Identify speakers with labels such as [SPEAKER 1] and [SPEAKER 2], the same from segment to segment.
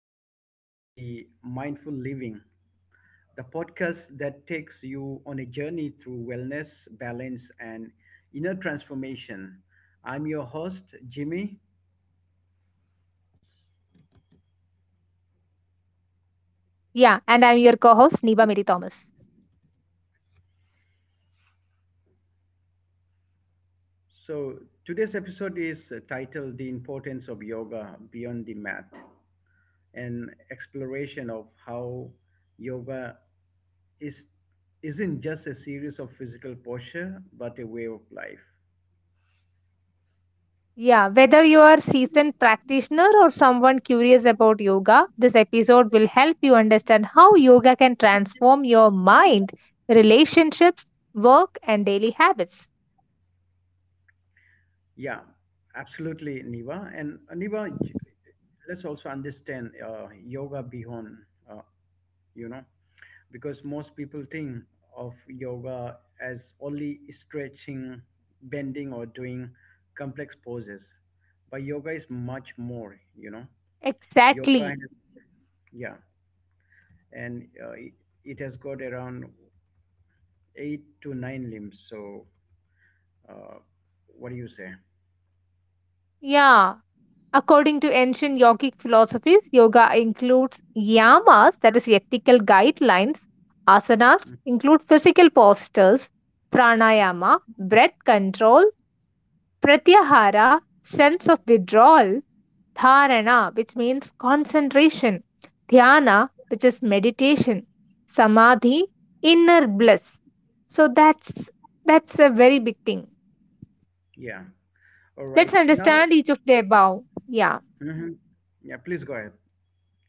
[SPEAKER 1] and welcome to the Mindful Living, the podcast that takes you on a journey through wellness, balance, and inner transformation. I'm your host, Jimmy.
[SPEAKER 2] Yeah, and I'm your co host, Neba Mary Thomas.
[SPEAKER 1] So, today's episode is titled The Importance of Yoga Beyond the Mat, an exploration of how yoga is, isn't just a series of physical posture, but a way of life.
[SPEAKER 2] Yeah, whether you are seasoned practitioner or someone curious about yoga, this episode will help you understand how yoga can transform your mind, relationships, work, and daily habits.
[SPEAKER 1] Yeah, absolutely, Niva. And Niva, let's also understand yoga beyond uh, you know because most people think of yoga as only stretching, bending, or doing complex poses, but yoga is much more, you know.
[SPEAKER 2] Exactly.
[SPEAKER 1] Yoga has, yeah and it, It has got around eight to nine limbs, so uh, what do you say?
[SPEAKER 2] Yeah. According to ancient yogic philosophies, yoga includes yamas, that is, ethical guidelines, asanas
[SPEAKER 1] Mm,
[SPEAKER 2] include physical postures, pranayama, breath control, Pratyahara, sense of withdrawal, dharana, which means concentration, dhyana, which is meditation, samadhi, inner bliss. So that's a very big thing.
[SPEAKER 1] yeah, all right.
[SPEAKER 2] Let's
[SPEAKER 1] Now,
[SPEAKER 2] understand each of their bow. Yeah.
[SPEAKER 1] mhm. Yeah, please go ahead.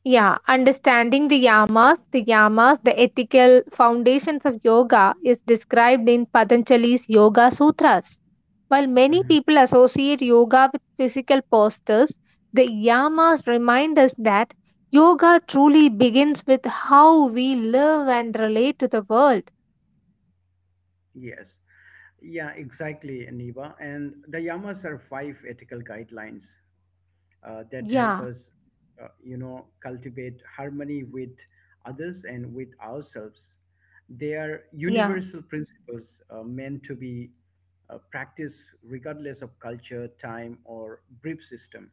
[SPEAKER 2] Yeah, understanding the yamas, the ethical foundations of yoga is described in Patanjali's Yoga Sutras. While many
[SPEAKER 1] Mm-hmm.
[SPEAKER 2] people associate yoga with physical postures, the yamas remind us that yoga truly begins with how we live and relate to the world.
[SPEAKER 1] Yes. Yeah, exactly, Niva. And the yamas are five ethical guidelines that help
[SPEAKER 2] Yeah,
[SPEAKER 1] us you know, cultivate harmony with others and with ourselves. They are
[SPEAKER 2] yeah,
[SPEAKER 1] universal principles meant to be practiced regardless of culture, time, or belief system.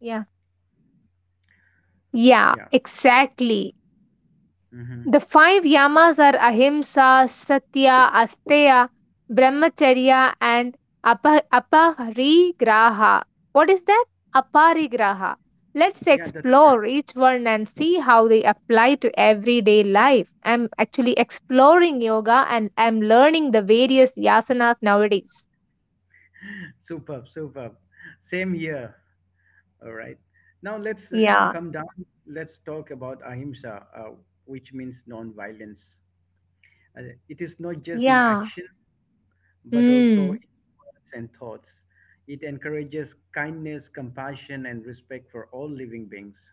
[SPEAKER 2] yeah. Yeah,
[SPEAKER 1] Yeah.
[SPEAKER 2] exactly.
[SPEAKER 1] hmm
[SPEAKER 2] The five yamas are ahimsa, satya, asteya, brahmacharya, and aparigraha. What is that? Aparigraha. Let's
[SPEAKER 1] Yeah, that's correct.
[SPEAKER 2] explore each one and see how they apply to everyday life. I'm actually exploring yoga and I'm learning the various yasanas nowadays.
[SPEAKER 1] Superb, superb. Same here. All right. Now let's
[SPEAKER 2] Yeah.
[SPEAKER 1] come down. Let's talk about ahimsa, which means non-violence. It is not just in
[SPEAKER 2] Yeah.
[SPEAKER 1] action, but also
[SPEAKER 2] Hmm.
[SPEAKER 1] in words and thoughts. It encourages kindness, compassion, and respect for all living beings.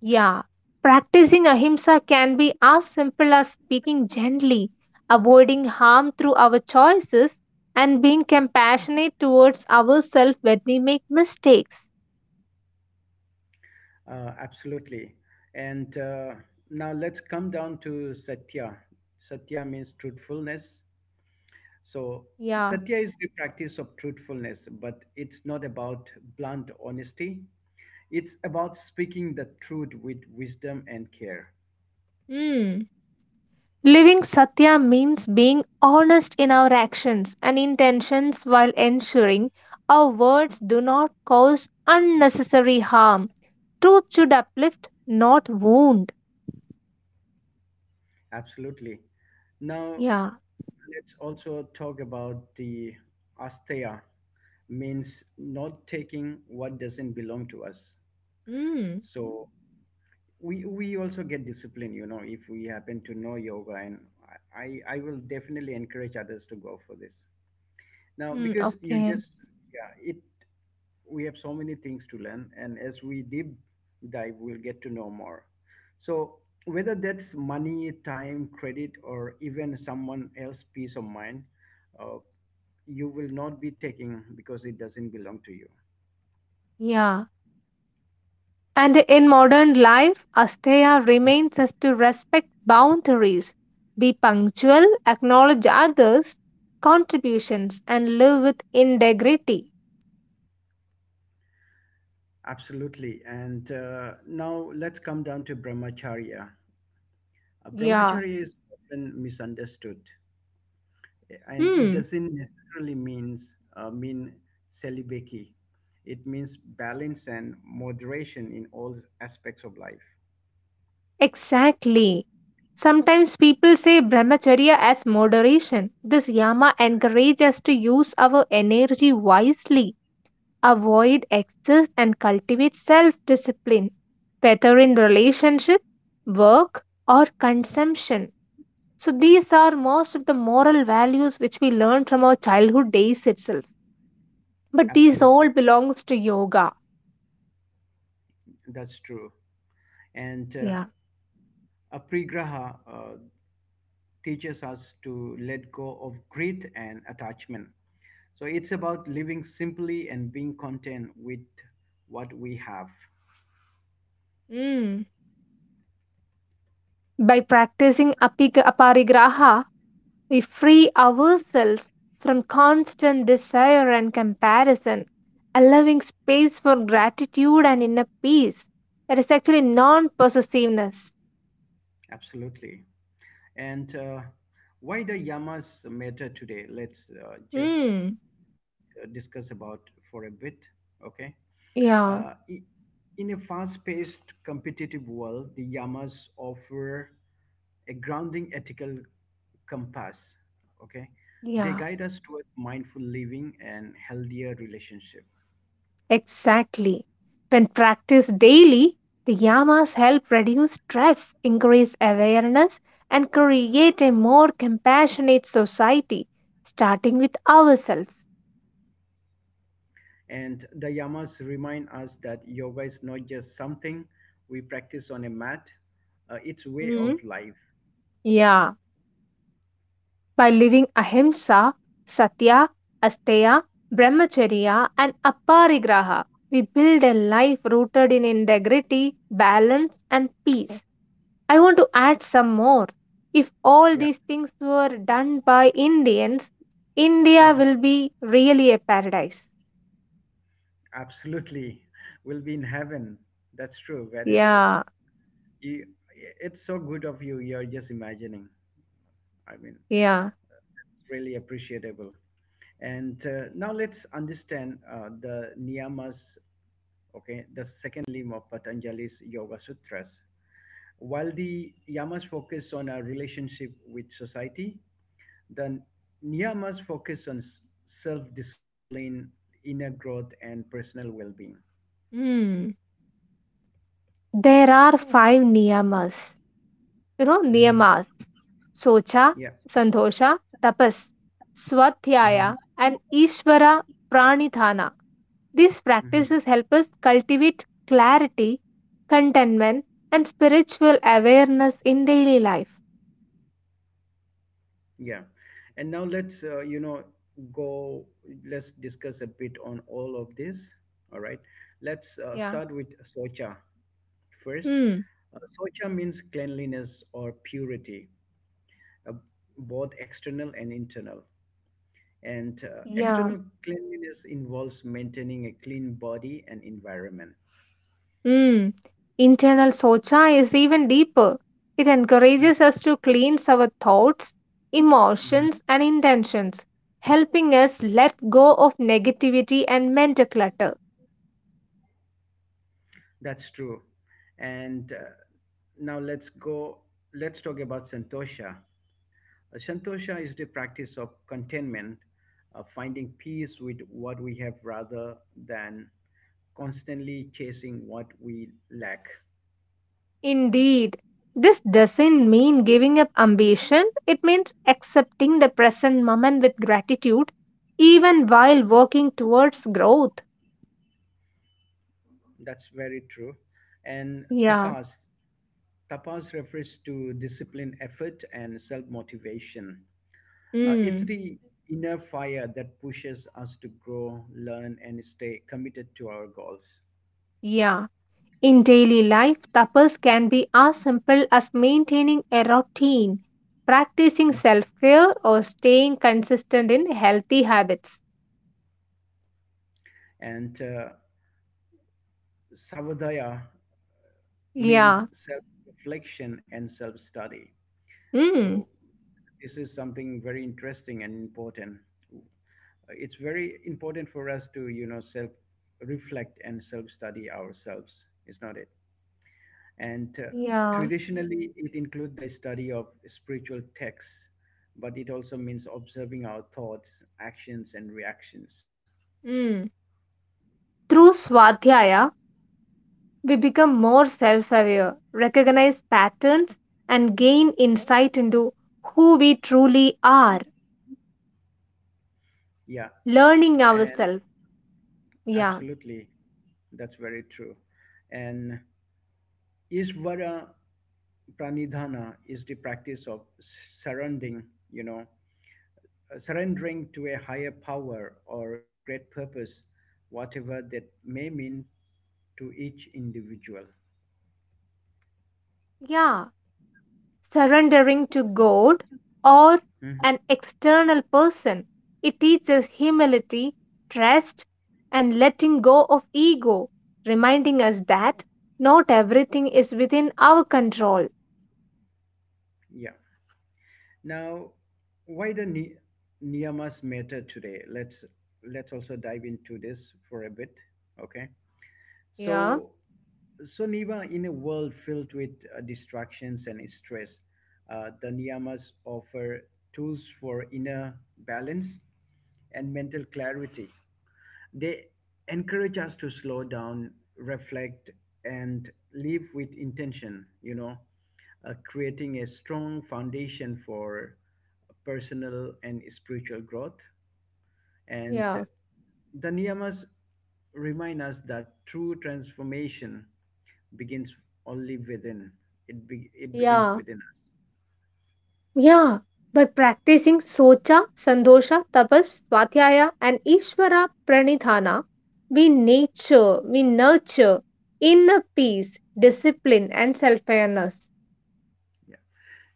[SPEAKER 2] Yeah, practicing ahimsa can be as simple as speaking gently, avoiding harm through our choices, and being compassionate towards ourselves when we make mistakes.
[SPEAKER 1] Absolutely. And now let's come down to satya. Satya means truthfulness. So
[SPEAKER 2] Yeah.
[SPEAKER 1] satya is the practice of truthfulness, but it's not about blunt honesty. It's about speaking the truth with wisdom and care.
[SPEAKER 2] Hmm. Living Satya means being honest in our actions and intentions while ensuring our words do not cause unnecessary harm. Truth should uplift, not wound.
[SPEAKER 1] Absolutely. Now,
[SPEAKER 2] Yeah.
[SPEAKER 1] let's also talk about the asteya, means not taking what doesn't belong to us.
[SPEAKER 2] Hmm.
[SPEAKER 1] So we also get discipline, you know, if we happen to know yoga, and I will definitely encourage others to go for this. Now,
[SPEAKER 2] Hmm.
[SPEAKER 1] because you
[SPEAKER 2] Okay.
[SPEAKER 1] just yeah, it we have so many things to learn, and as we deep dive we'll get to know more. So whether that's money, time, credit, or even someone else peace of mind, uh, you will not be taking, because it doesn't belong to you.
[SPEAKER 2] Yeah. And in modern life, Asteya remains us to respect boundaries, be punctual, acknowledge others' contributions, and live with integrity.
[SPEAKER 1] Absolutely. And now let's come down to brahmacharya.
[SPEAKER 2] Yeah,
[SPEAKER 1] Brahmacharya is often misunderstood, and it
[SPEAKER 2] hmm,
[SPEAKER 1] doesn't necessarily mean celibacy. It means balance and moderation in all aspects of life.
[SPEAKER 2] exactly. Sometimes people say brahmacharya as moderation. This yama encourages us to use our energy wisely, avoid excess, and cultivate self discipline, whether in relationship, work, or consumption. So these are most of the moral values which we learn from our childhood days itself. But these all
[SPEAKER 1] Absolutely,
[SPEAKER 2] belongs to yoga.
[SPEAKER 1] that's true. And
[SPEAKER 2] Yeah.
[SPEAKER 1] aprigraha teaches us to let go of greed and attachment. So it's about living simply and being content with what we have.
[SPEAKER 2] Mm. By practicing aparigraha, we free ourselves from constant desire and comparison, allowing space for gratitude and inner peace. That is actually non possessiveness.
[SPEAKER 1] Absolutely. And why the yamas matter today, let's just
[SPEAKER 2] Mm.
[SPEAKER 1] discuss about for a bit. Okay.
[SPEAKER 2] Yeah,
[SPEAKER 1] Uh, i- in a fast paced, competitive world, the Yamas offer a grounding ethical compass. Okay. They
[SPEAKER 2] yeah.
[SPEAKER 1] guide us toward mindful living and healthier relationship.
[SPEAKER 2] Exactly. When practiced daily, the yamas help reduce stress, increase awareness, and create a more compassionate society, starting with ourselves.
[SPEAKER 1] And the yamas remind us that yoga is not just something we practice on a mat, it's way
[SPEAKER 2] Mm,
[SPEAKER 1] of life.
[SPEAKER 2] yeah. By living ahimsa, satya, asteya, brahmacharya, and aparigraha, we build a life rooted in integrity, balance, and peace. I want to add some more. If all
[SPEAKER 1] Yeah,
[SPEAKER 2] these things were done by Indians, India
[SPEAKER 1] mhm,
[SPEAKER 2] will be really a paradise.
[SPEAKER 1] absolutely. We'll be in heaven. That's true, very true.
[SPEAKER 2] Yeah,
[SPEAKER 1] You, it's so good of you. You're just imagining. I mean,
[SPEAKER 2] yeah.
[SPEAKER 1] it's really appreciable. And now let's understand the niyamas, okay, the second limb of Patanjali's Yoga Sutras. While the yamas focus on our relationship with society, the niyamas focus on self discipline, inner growth, and personal well being.
[SPEAKER 2] Hmm. There are five niyamas. You know,
[SPEAKER 1] hmm
[SPEAKER 2] niyamas. Socha,
[SPEAKER 1] Yeah.
[SPEAKER 2] Sandosha, Tapas,
[SPEAKER 1] So,
[SPEAKER 2] Swadhyaya, and Ishvara Pranidhana. These
[SPEAKER 1] hmm
[SPEAKER 2] practices help us cultivate clarity, contentment, and spiritual awareness in daily life.
[SPEAKER 1] Yeah. And now let's, you know, go, let's discuss a bit on all of this. All right. Let's
[SPEAKER 2] Yeah.
[SPEAKER 1] start with Socha first.
[SPEAKER 2] Hmm.
[SPEAKER 1] Socha means cleanliness or purity, uh, both external and internal. And
[SPEAKER 2] Yeah.
[SPEAKER 1] external cleanliness involves maintaining a clean body and environment.
[SPEAKER 2] Mm. Internal socha is even deeper. It
[SPEAKER 1] Mm,
[SPEAKER 2] encourages us to cleanse our thoughts,
[SPEAKER 1] mhm.
[SPEAKER 2] emotions, and intentions, helping us let go of negativity and mental clutter.
[SPEAKER 1] That's true. And now let's go, let's talk about Santosha. Santosha is the practice of contentment, finding peace with what we have rather than constantly chasing what we lack.
[SPEAKER 2] Indeed, this doesn't mean giving up ambition, it means accepting the present moment with gratitude, even while working towards growth.
[SPEAKER 1] That's very true. And
[SPEAKER 2] Yeah.
[SPEAKER 1] tapas, Tapas refers to discipline, effort, and self motivation. It's
[SPEAKER 2] Mm.
[SPEAKER 1] the inner fire that pushes us to grow, learn, and stay committed to our goals.
[SPEAKER 2] Yeah. In daily life, tapas can be as simple as maintaining a routine, practicing
[SPEAKER 1] Mm.
[SPEAKER 2] self care, or staying consistent in healthy habits.
[SPEAKER 1] And savadaya
[SPEAKER 2] Yeah.
[SPEAKER 1] means self reflection and self study.
[SPEAKER 2] Mm.
[SPEAKER 1] So this is something very interesting and important. It's very important for us to, you know, self reflect and self study ourselves, is not it? And
[SPEAKER 2] Yeah.
[SPEAKER 1] traditionally, it includes the study of spiritual texts, but it also means observing our thoughts, actions, and reactions.
[SPEAKER 2] Mm. Through Swadhyaya, we become more self aware, recognize patterns, and gain insight into who we truly are,
[SPEAKER 1] Yeah,
[SPEAKER 2] learning
[SPEAKER 1] and
[SPEAKER 2] ourselves. Yeah.
[SPEAKER 1] absolutely, that's very true. And Ishvara Pranidhana is the practice of surrendering, you know, surrendering to a higher power or great purpose, whatever that may mean to each individual.
[SPEAKER 2] Yeah. Surrendering to God or
[SPEAKER 1] Mhm.
[SPEAKER 2] an external person. It teaches humility, trust, and letting go of ego, reminding us that not everything is within our control.
[SPEAKER 1] Yeah. Now, why the niyamas matter today? Let's also dive into this for a bit. Okay.
[SPEAKER 2] Yeah,
[SPEAKER 1] So, so Niva, in a world filled with distractions and stress, the niyamas offer tools for inner balance and mental clarity. They encourage us to slow down, reflect, and live with intention, you know, creating a strong foundation for personal and spiritual growth. And
[SPEAKER 2] yeah,
[SPEAKER 1] the niyamas remind us that true transformation begins only within, it begins
[SPEAKER 2] yeah,
[SPEAKER 1] within us.
[SPEAKER 2] yeah. By practicing Socha, Sandosha, Tapas, Swatyaya, and Ishvara Pranidhana, we nurture inner peace, discipline, and self awareness.
[SPEAKER 1] Yeah.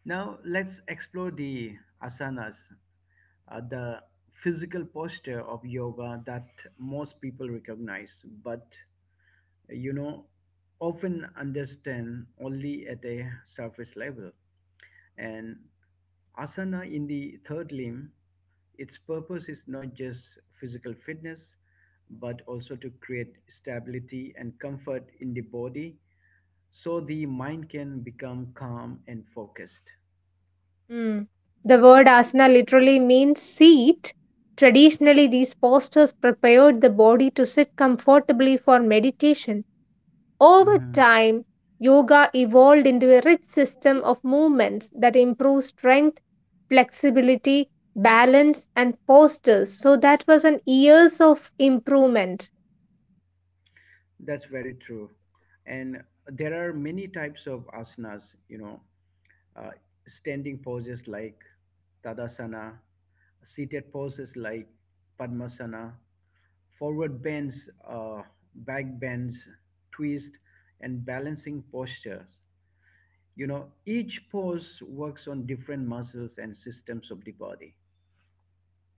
[SPEAKER 1] Now let's explore the asanas, the physical posture of yoga that most people recognize, but you know, often understand only at a surface level. And asana in the third limb, its purpose is not just physical fitness, but also to create stability and comfort in the body so the mind can become calm and focused.
[SPEAKER 2] Mm. The word asana literally means seat. Traditionally, these postures prepared the body to sit comfortably for meditation. Over
[SPEAKER 1] Mm-hmm.
[SPEAKER 2] time, yoga evolved into a rich system of movements that improve strength, flexibility, balance, and postures. So, that was an years of improvement.
[SPEAKER 1] That's very true. And there are many types of asanas, you know, uh, standing poses like Tadasana, seated poses like Padmasana, forward bends, back bends, twist, and balancing postures. You know, each pose works on different muscles and systems of the body.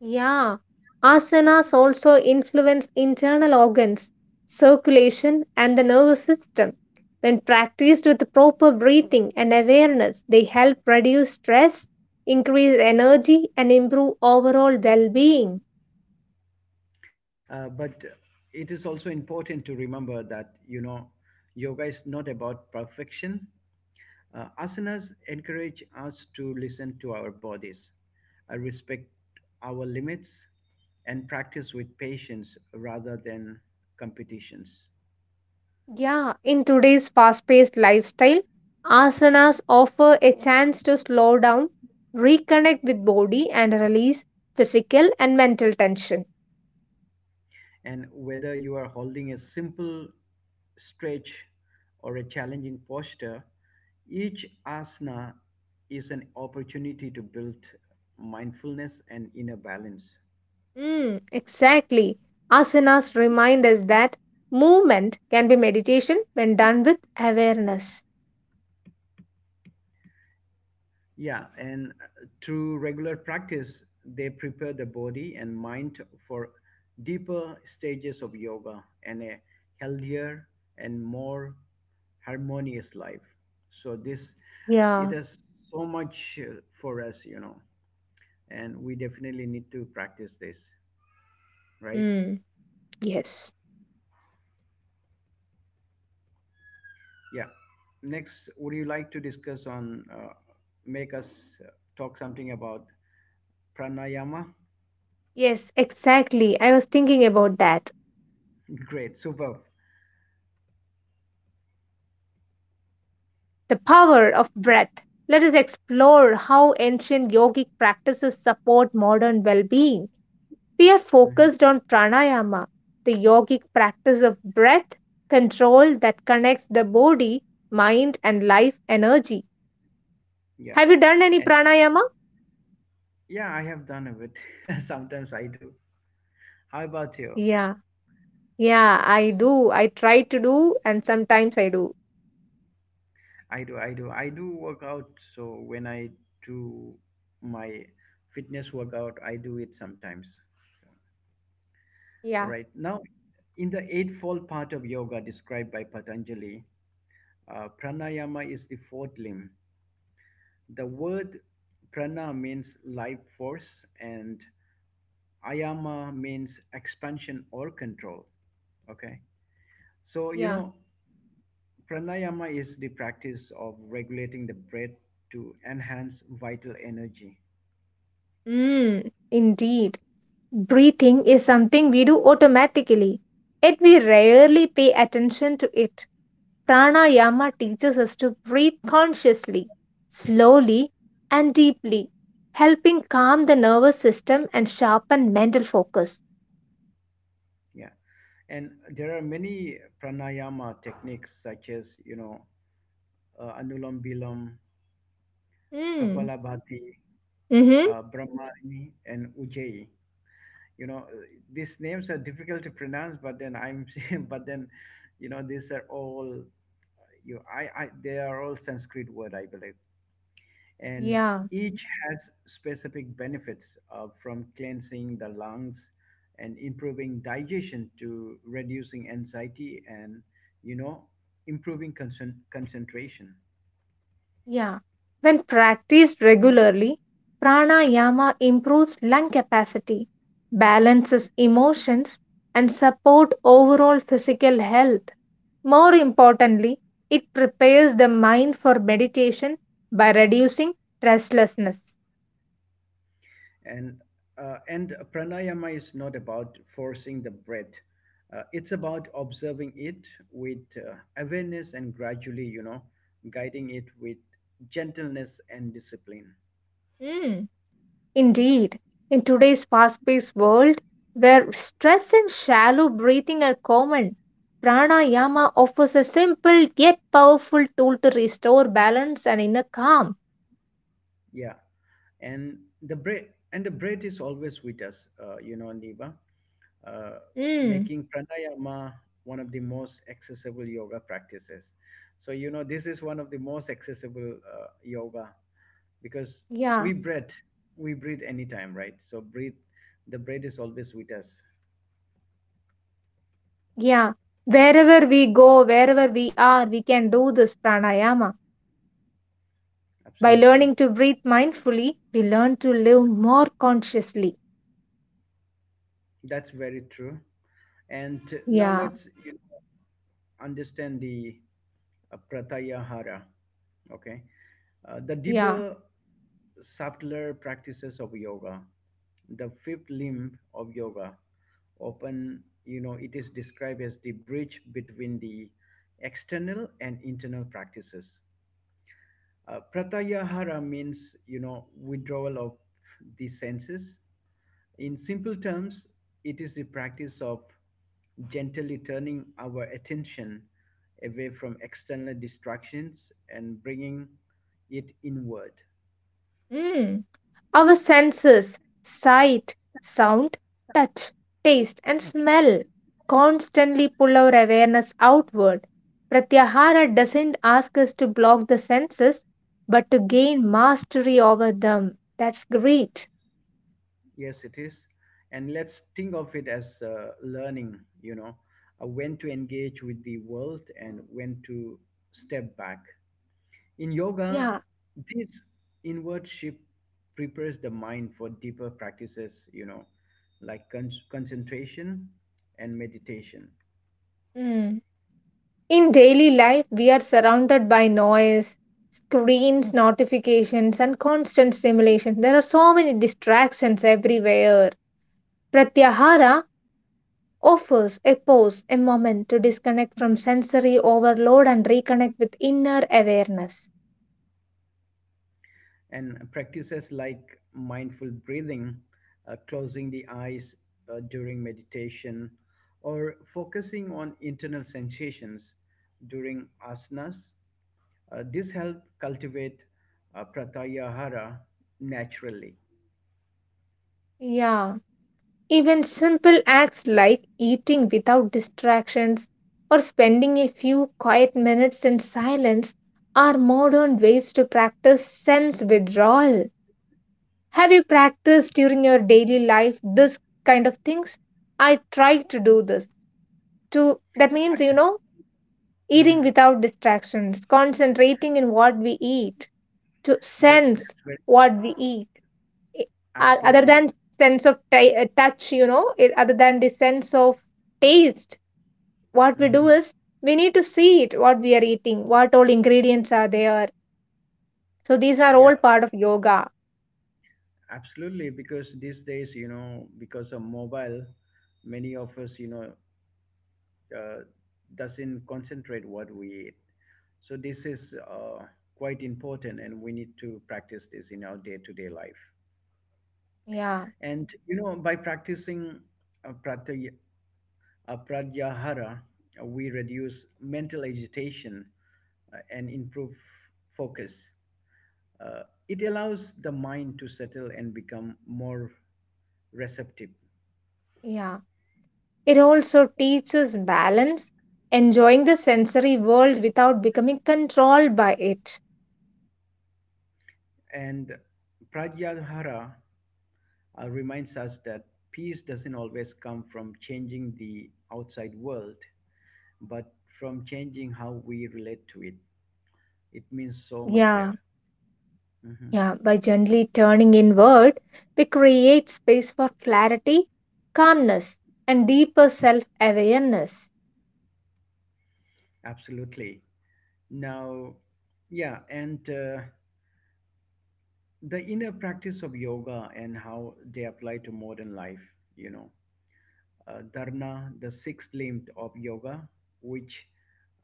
[SPEAKER 2] Yeah, asanas also influence internal organs, circulation, and the nervous system. When practiced with proper breathing and awareness, they help reduce stress, increase energy, and improve overall well being.
[SPEAKER 1] But it is also important to remember that, you know, yoga is not about perfection. Asanas encourage us to listen to our bodies, respect our limits, and practice with patience rather than competitions.
[SPEAKER 2] Yeah, in today's fast paced lifestyle, asanas offer a chance to slow down, reconnect with body, and release physical and mental tension.
[SPEAKER 1] And whether you are holding a simple stretch or a challenging posture, each asana is an opportunity to build mindfulness and inner balance.
[SPEAKER 2] Mm, exactly. Asanas remind us that movement can be meditation when done with awareness.
[SPEAKER 1] Yeah, and through regular practice, they prepare the body and mind for deeper stages of yoga and a healthier and more harmonious life. So this, it
[SPEAKER 2] Yeah.
[SPEAKER 1] has so much for us, you know, and we definitely need to practice this, right?
[SPEAKER 2] Mm, yes.
[SPEAKER 1] Yeah. Next, would you like to discuss on, make us talk something about pranayama?
[SPEAKER 2] Yes, exactly. I was thinking about that.
[SPEAKER 1] Great, superb.
[SPEAKER 2] The power of breath. Let us explore how ancient yogic practices support modern well being. We are
[SPEAKER 1] Mhm.
[SPEAKER 2] focused on pranayama, the yogic practice of breath control that connects the body, mind, and life energy.
[SPEAKER 1] Yeah.
[SPEAKER 2] Have you done any pranayama?
[SPEAKER 1] Yeah, I have done a bit. Sometimes I do. How about you?
[SPEAKER 2] Yeah, yeah, I do. I try to do, and sometimes I do.
[SPEAKER 1] I do. I do work out. So when I do my fitness workout, I do it sometimes. All
[SPEAKER 2] Yeah,
[SPEAKER 1] right. Now, in the eightfold part of yoga described by Patanjali, pranayama is the fourth limb. The word prana means life force, and ayama means expansion or control. Okay, so you
[SPEAKER 2] yeah.
[SPEAKER 1] know, pranayama is the practice of regulating the breath to enhance vital energy.
[SPEAKER 2] Mm, indeed. Breathing is something we do automatically, yet we rarely pay attention to it. Pranayama teaches us to breathe consciously, slowly, and deeply, helping calm the nervous system and sharpen mental focus.
[SPEAKER 1] Yeah. And there are many pranayama techniques, such as, you know, anulam bilam,
[SPEAKER 2] Mm,
[SPEAKER 1] kapalabhati,
[SPEAKER 2] mm-hmm.
[SPEAKER 1] brahmari, and ujjayi. You know, these names are difficult to pronounce, but but then, you know, these are all, they are all Sanskrit word, I believe. And
[SPEAKER 2] Yeah.
[SPEAKER 1] each has specific benefits, from cleansing the lungs and improving digestion to reducing anxiety and, you know, improving concentration.
[SPEAKER 2] Yeah, when practiced regularly, pranayama improves lung capacity, balances emotions, and support overall physical health. More importantly, it prepares the mind for meditation by reducing restlessness.
[SPEAKER 1] And pranayama is not about forcing the breath. It's about observing it with awareness, and gradually, you know, guiding it with gentleness and discipline.
[SPEAKER 2] Mm. Indeed, in today's fast paced world where stress and shallow breathing are common, pranayama offers a simple yet powerful tool to restore balance and inner calm.
[SPEAKER 1] Yeah. And the breath and the breath is always with us, you know, Niva, uh,
[SPEAKER 2] Mm,
[SPEAKER 1] making pranayama one of the most accessible yoga practices. So you know, this is one of the most accessible yoga, because
[SPEAKER 2] yeah,
[SPEAKER 1] we breathe we breathe anytime, right? So breathe the breath is always with us.
[SPEAKER 2] yeah. Wherever we go, wherever we are, we can do this pranayama. By
[SPEAKER 1] Absolutely,
[SPEAKER 2] learning to breathe mindfully, we learn to live more consciously.
[SPEAKER 1] that's very true. And now
[SPEAKER 2] Yeah,
[SPEAKER 1] let's, you know, understand the pratyahara, okay, the
[SPEAKER 2] yeah.
[SPEAKER 1] deeper, subtler practices of yoga, the fifth limb of yoga. Often, you know, it is described as the bridge between the external and internal practices. Uh, pratyahara means, you know, withdrawal of the senses. In simple terms, it is the practice of gently turning our attention away from external distractions and bringing it inward.
[SPEAKER 2] Mm. Our senses sight, sound, touch, taste, and smell constantly pull our awareness outward. Pratyahara doesn't ask us to block the senses but to gain mastery over them. That's great.
[SPEAKER 1] Yes, it is. And let's think of it as learning, you know, when to engage with the world and when to step back. In yoga,
[SPEAKER 2] Yeah.
[SPEAKER 1] this inward shift prepares the mind for deeper practices, you know, like concentration and meditation.
[SPEAKER 2] Mm. In daily life, we are surrounded by noise, screens, notifications, and constant stimulation. There are so many distractions everywhere. Pratyahara offers a pause, a moment to disconnect from sensory overload and reconnect with inner awareness.
[SPEAKER 1] And practices like mindful breathing, closing the eyes during meditation, or focusing on internal sensations during asanas. This help cultivate pratyahara naturally.
[SPEAKER 2] Yeah, even simple acts like eating without distractions or spending a few quiet minutes in silence are modern ways to practice sense withdrawal. Have you practiced during your daily life this kind of things? I try to do this. To that means you know eating
[SPEAKER 1] Mhm.
[SPEAKER 2] without distractions, concentrating in what we eat to
[SPEAKER 1] That's
[SPEAKER 2] sense
[SPEAKER 1] that's very
[SPEAKER 2] what we eat I- other
[SPEAKER 1] absolutely.
[SPEAKER 2] than sense of touch you know it, other than the sense of taste what we do
[SPEAKER 1] Mhm.
[SPEAKER 2] is we need to see it what we are eating what all ingredients are there so these are all
[SPEAKER 1] Yeah,
[SPEAKER 2] part of yoga
[SPEAKER 1] absolutely. Because these days, you know, because of mobile, many of us, you know, uh, doesn't concentrate what we eat. So this is quite important, and we need to practice this in our day-to-day life.
[SPEAKER 2] yeah
[SPEAKER 1] And you know, by practicing uh, praty- pratyahara, we reduce mental agitation and improve focus. Uh, it allows the mind to settle and become more receptive.
[SPEAKER 2] yeah it also teaches balance enjoying the sensory world without becoming controlled by it
[SPEAKER 1] And Pratyahara reminds us that peace doesn't always come from changing the outside world, but from changing how we relate to it. It means so much
[SPEAKER 2] yeah.
[SPEAKER 1] here. Mhm.
[SPEAKER 2] Yeah, by gently turning inward, we create space for clarity, calmness, and deeper self awareness.
[SPEAKER 1] Absolutely. Now, yeah, and the inner practice of yoga and how they apply to modern life. Dharana, the sixth limb of yoga, which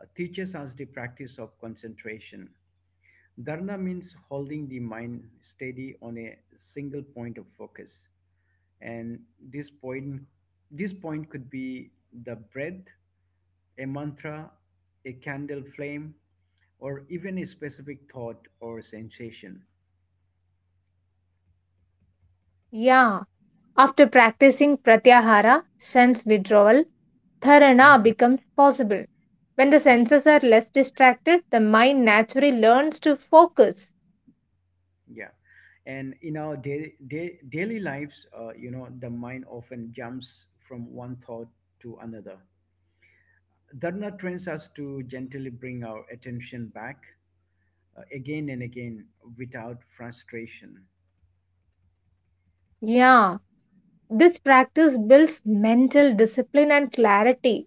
[SPEAKER 1] teaches us the practice of concentration. Dharana means holding the mind steady on a single point of focus. And this point could be the breath, a mantra, a candle flame, or even a specific thought or sensation.
[SPEAKER 2] Yeah, after practicing pratyahara, sense withdrawal, dharana
[SPEAKER 1] Mhm.
[SPEAKER 2] becomes possible. When the senses are less distracted, the mind naturally learns to focus.
[SPEAKER 1] Yeah. And in our day day daily lives, the mind often jumps from one thought to another. Dharna trains us to gently bring our attention back again and again without frustration.
[SPEAKER 2] Yeah, this practice builds mental discipline and clarity.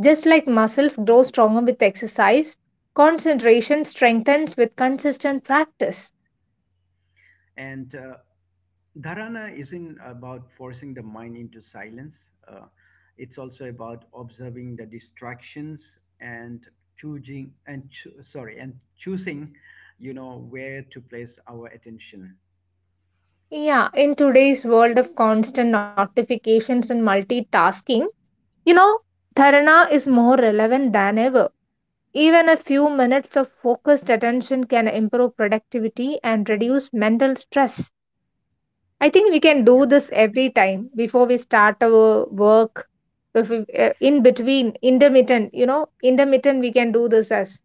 [SPEAKER 2] Just like muscles grow stronger with exercise, concentration strengthens with consistent practice.
[SPEAKER 1] And dharana isn't about forcing the mind into silence, it's also about observing the distractions and choosing and cho- sorry and choosing where to place our attention.
[SPEAKER 2] Yeah, in today's world of constant notifications and multitasking, you know, Dharana is more relevant than ever. Even a few minutes of focused attention can improve productivity and reduce mental stress. I think we
[SPEAKER 1] Yeah.
[SPEAKER 2] can do this every time before we start our work. If we- In between, intermittent, we can do this as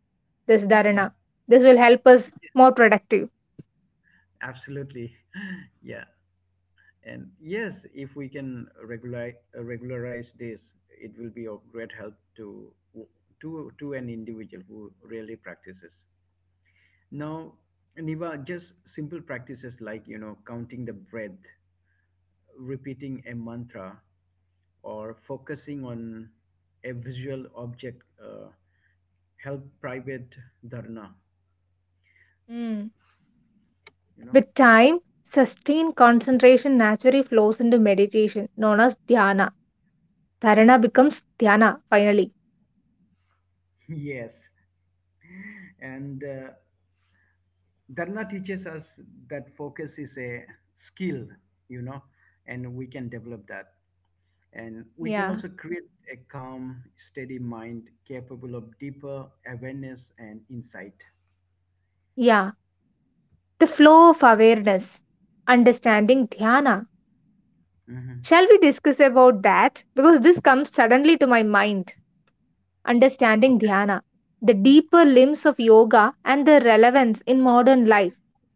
[SPEAKER 2] this
[SPEAKER 1] Yeah,
[SPEAKER 2] dharana. This will help us more productive.
[SPEAKER 1] absolutely. Yeah. And yes, if we can regulate regularize this, it will be of great help to to an individual who really practices. Now, Niva, just simple practices like, counting the breath, repeating a mantra, or focusing on a visual object help private dharna,
[SPEAKER 2] Mm.
[SPEAKER 1] you know.
[SPEAKER 2] With time, sustained concentration naturally flows into meditation, known as dhyana. Dharana becomes dhyana finally.
[SPEAKER 1] Yes, and Dharna teaches us that focus is a skill, you know, and we can develop that. And we can
[SPEAKER 2] Yeah.
[SPEAKER 1] also create a calm, steady mind capable of deeper awareness and insight.
[SPEAKER 2] Yeah, the flow of awareness, understanding dhyana.
[SPEAKER 1] Hmm.
[SPEAKER 2] Shall we discuss about that? Because this comes suddenly to my mind. Understanding
[SPEAKER 1] Okay.
[SPEAKER 2] dhyana, the deeper limbs of yoga, and their relevance in modern life.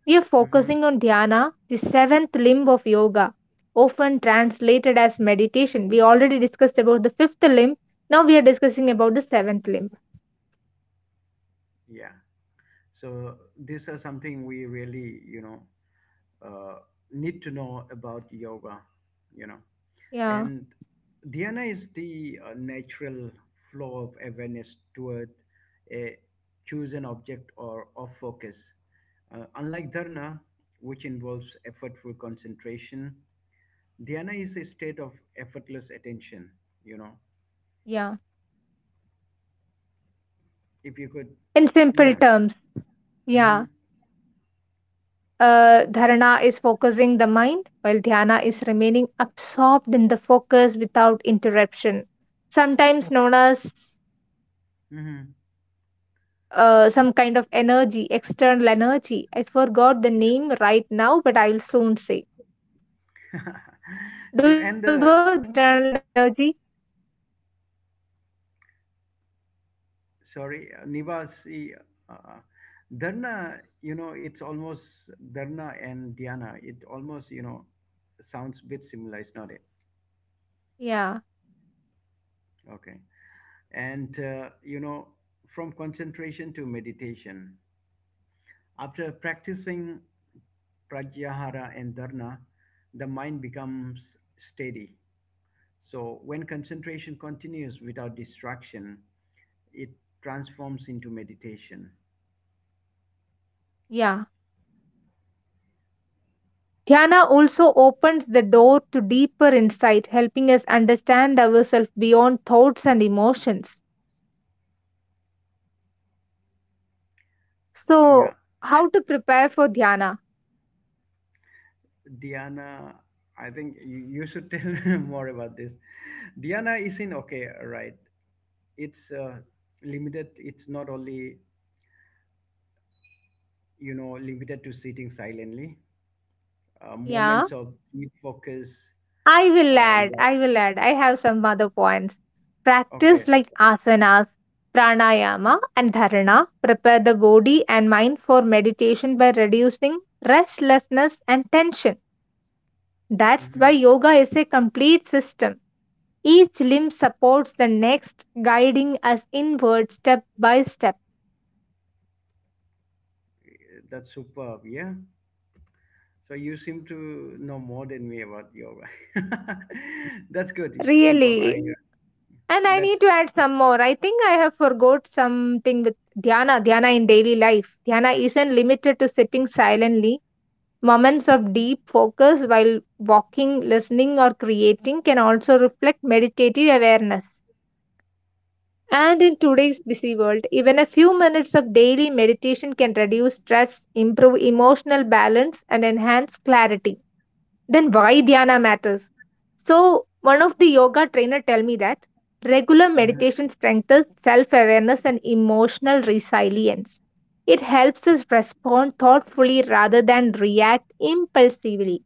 [SPEAKER 2] We are
[SPEAKER 1] Hmm.
[SPEAKER 2] focusing on dhyana, the seventh limb of yoga, often translated as meditation. We already discussed about the fifth limb. Now we are discussing about the seventh limb.
[SPEAKER 1] Yeah. So these are something we really, uh, need to know about yoga, you know.
[SPEAKER 2] Yeah,
[SPEAKER 1] And Dhyana is the natural flow of awareness toward a chosen object or of focus. Unlike dharana, which involves effortful concentration, dhyana is a state of effortless attention. You know,
[SPEAKER 2] yeah.
[SPEAKER 1] if you could,
[SPEAKER 2] In simple
[SPEAKER 1] yeah.
[SPEAKER 2] terms, yeah.
[SPEAKER 1] Mm-hmm.
[SPEAKER 2] Dharana is focusing the mind, while dhyana is remaining absorbed in the focus without interruption sometimes known as some kind of energy, external energy. I forgot the
[SPEAKER 1] Mm-hmm.
[SPEAKER 2] name right now, but I'll soon say. Do you
[SPEAKER 1] Sure.
[SPEAKER 2] remember that external energy?
[SPEAKER 1] Nivasi, uh, Dharna, it's almost Dharna and Dhyana. It almost, sounds a bit similar, it's not it?
[SPEAKER 2] Yeah,
[SPEAKER 1] Okay. And, from concentration to meditation, after practicing Pratyahara and Dharna, the mind becomes steady. So when concentration continues without distraction, it transforms into meditation.
[SPEAKER 2] yeah. Dhyana also opens the door to deeper insight, helping us understand ourselves beyond thoughts and emotions. So,
[SPEAKER 1] Yeah.
[SPEAKER 2] how to prepare for dhyana?
[SPEAKER 1] Diana, I think you should tell more about this. Diana is in okay, right? It's limited. It's not only limited to sitting silently.
[SPEAKER 2] Yeah.
[SPEAKER 1] Moments of deep focus.
[SPEAKER 2] I will
[SPEAKER 1] Uh,
[SPEAKER 2] add,
[SPEAKER 1] while,
[SPEAKER 2] I will add. I have some other points.
[SPEAKER 1] okay,
[SPEAKER 2] Practice like asanas, pranayama, and dharana. Prepare the body and mind for meditation by reducing restlessness and tension. That's why
[SPEAKER 1] hmm
[SPEAKER 2] yoga is a complete system. Each limb supports the next, guiding us inward step by step.
[SPEAKER 1] that's superb. Yeah. So you seem to know more than me about yoga. That's good. Superb. I.
[SPEAKER 2] Really. And I need
[SPEAKER 1] That's.
[SPEAKER 2] to add some more. I think I have forgot something with dhyana. Dhyana in daily life. Dhyana isn't limited to sitting silently. Moments of deep focus while walking, listening, or creating can also reflect meditative awareness. And in today's busy world, even a few minutes of daily meditation can reduce stress, improve emotional balance, and enhance clarity. Then why dhyana matters? So, one of the yoga trainer tell me that regular
[SPEAKER 1] Mhm.
[SPEAKER 2] meditation strengthens self-awareness and emotional resilience. It helps us respond thoughtfully rather than react impulsively.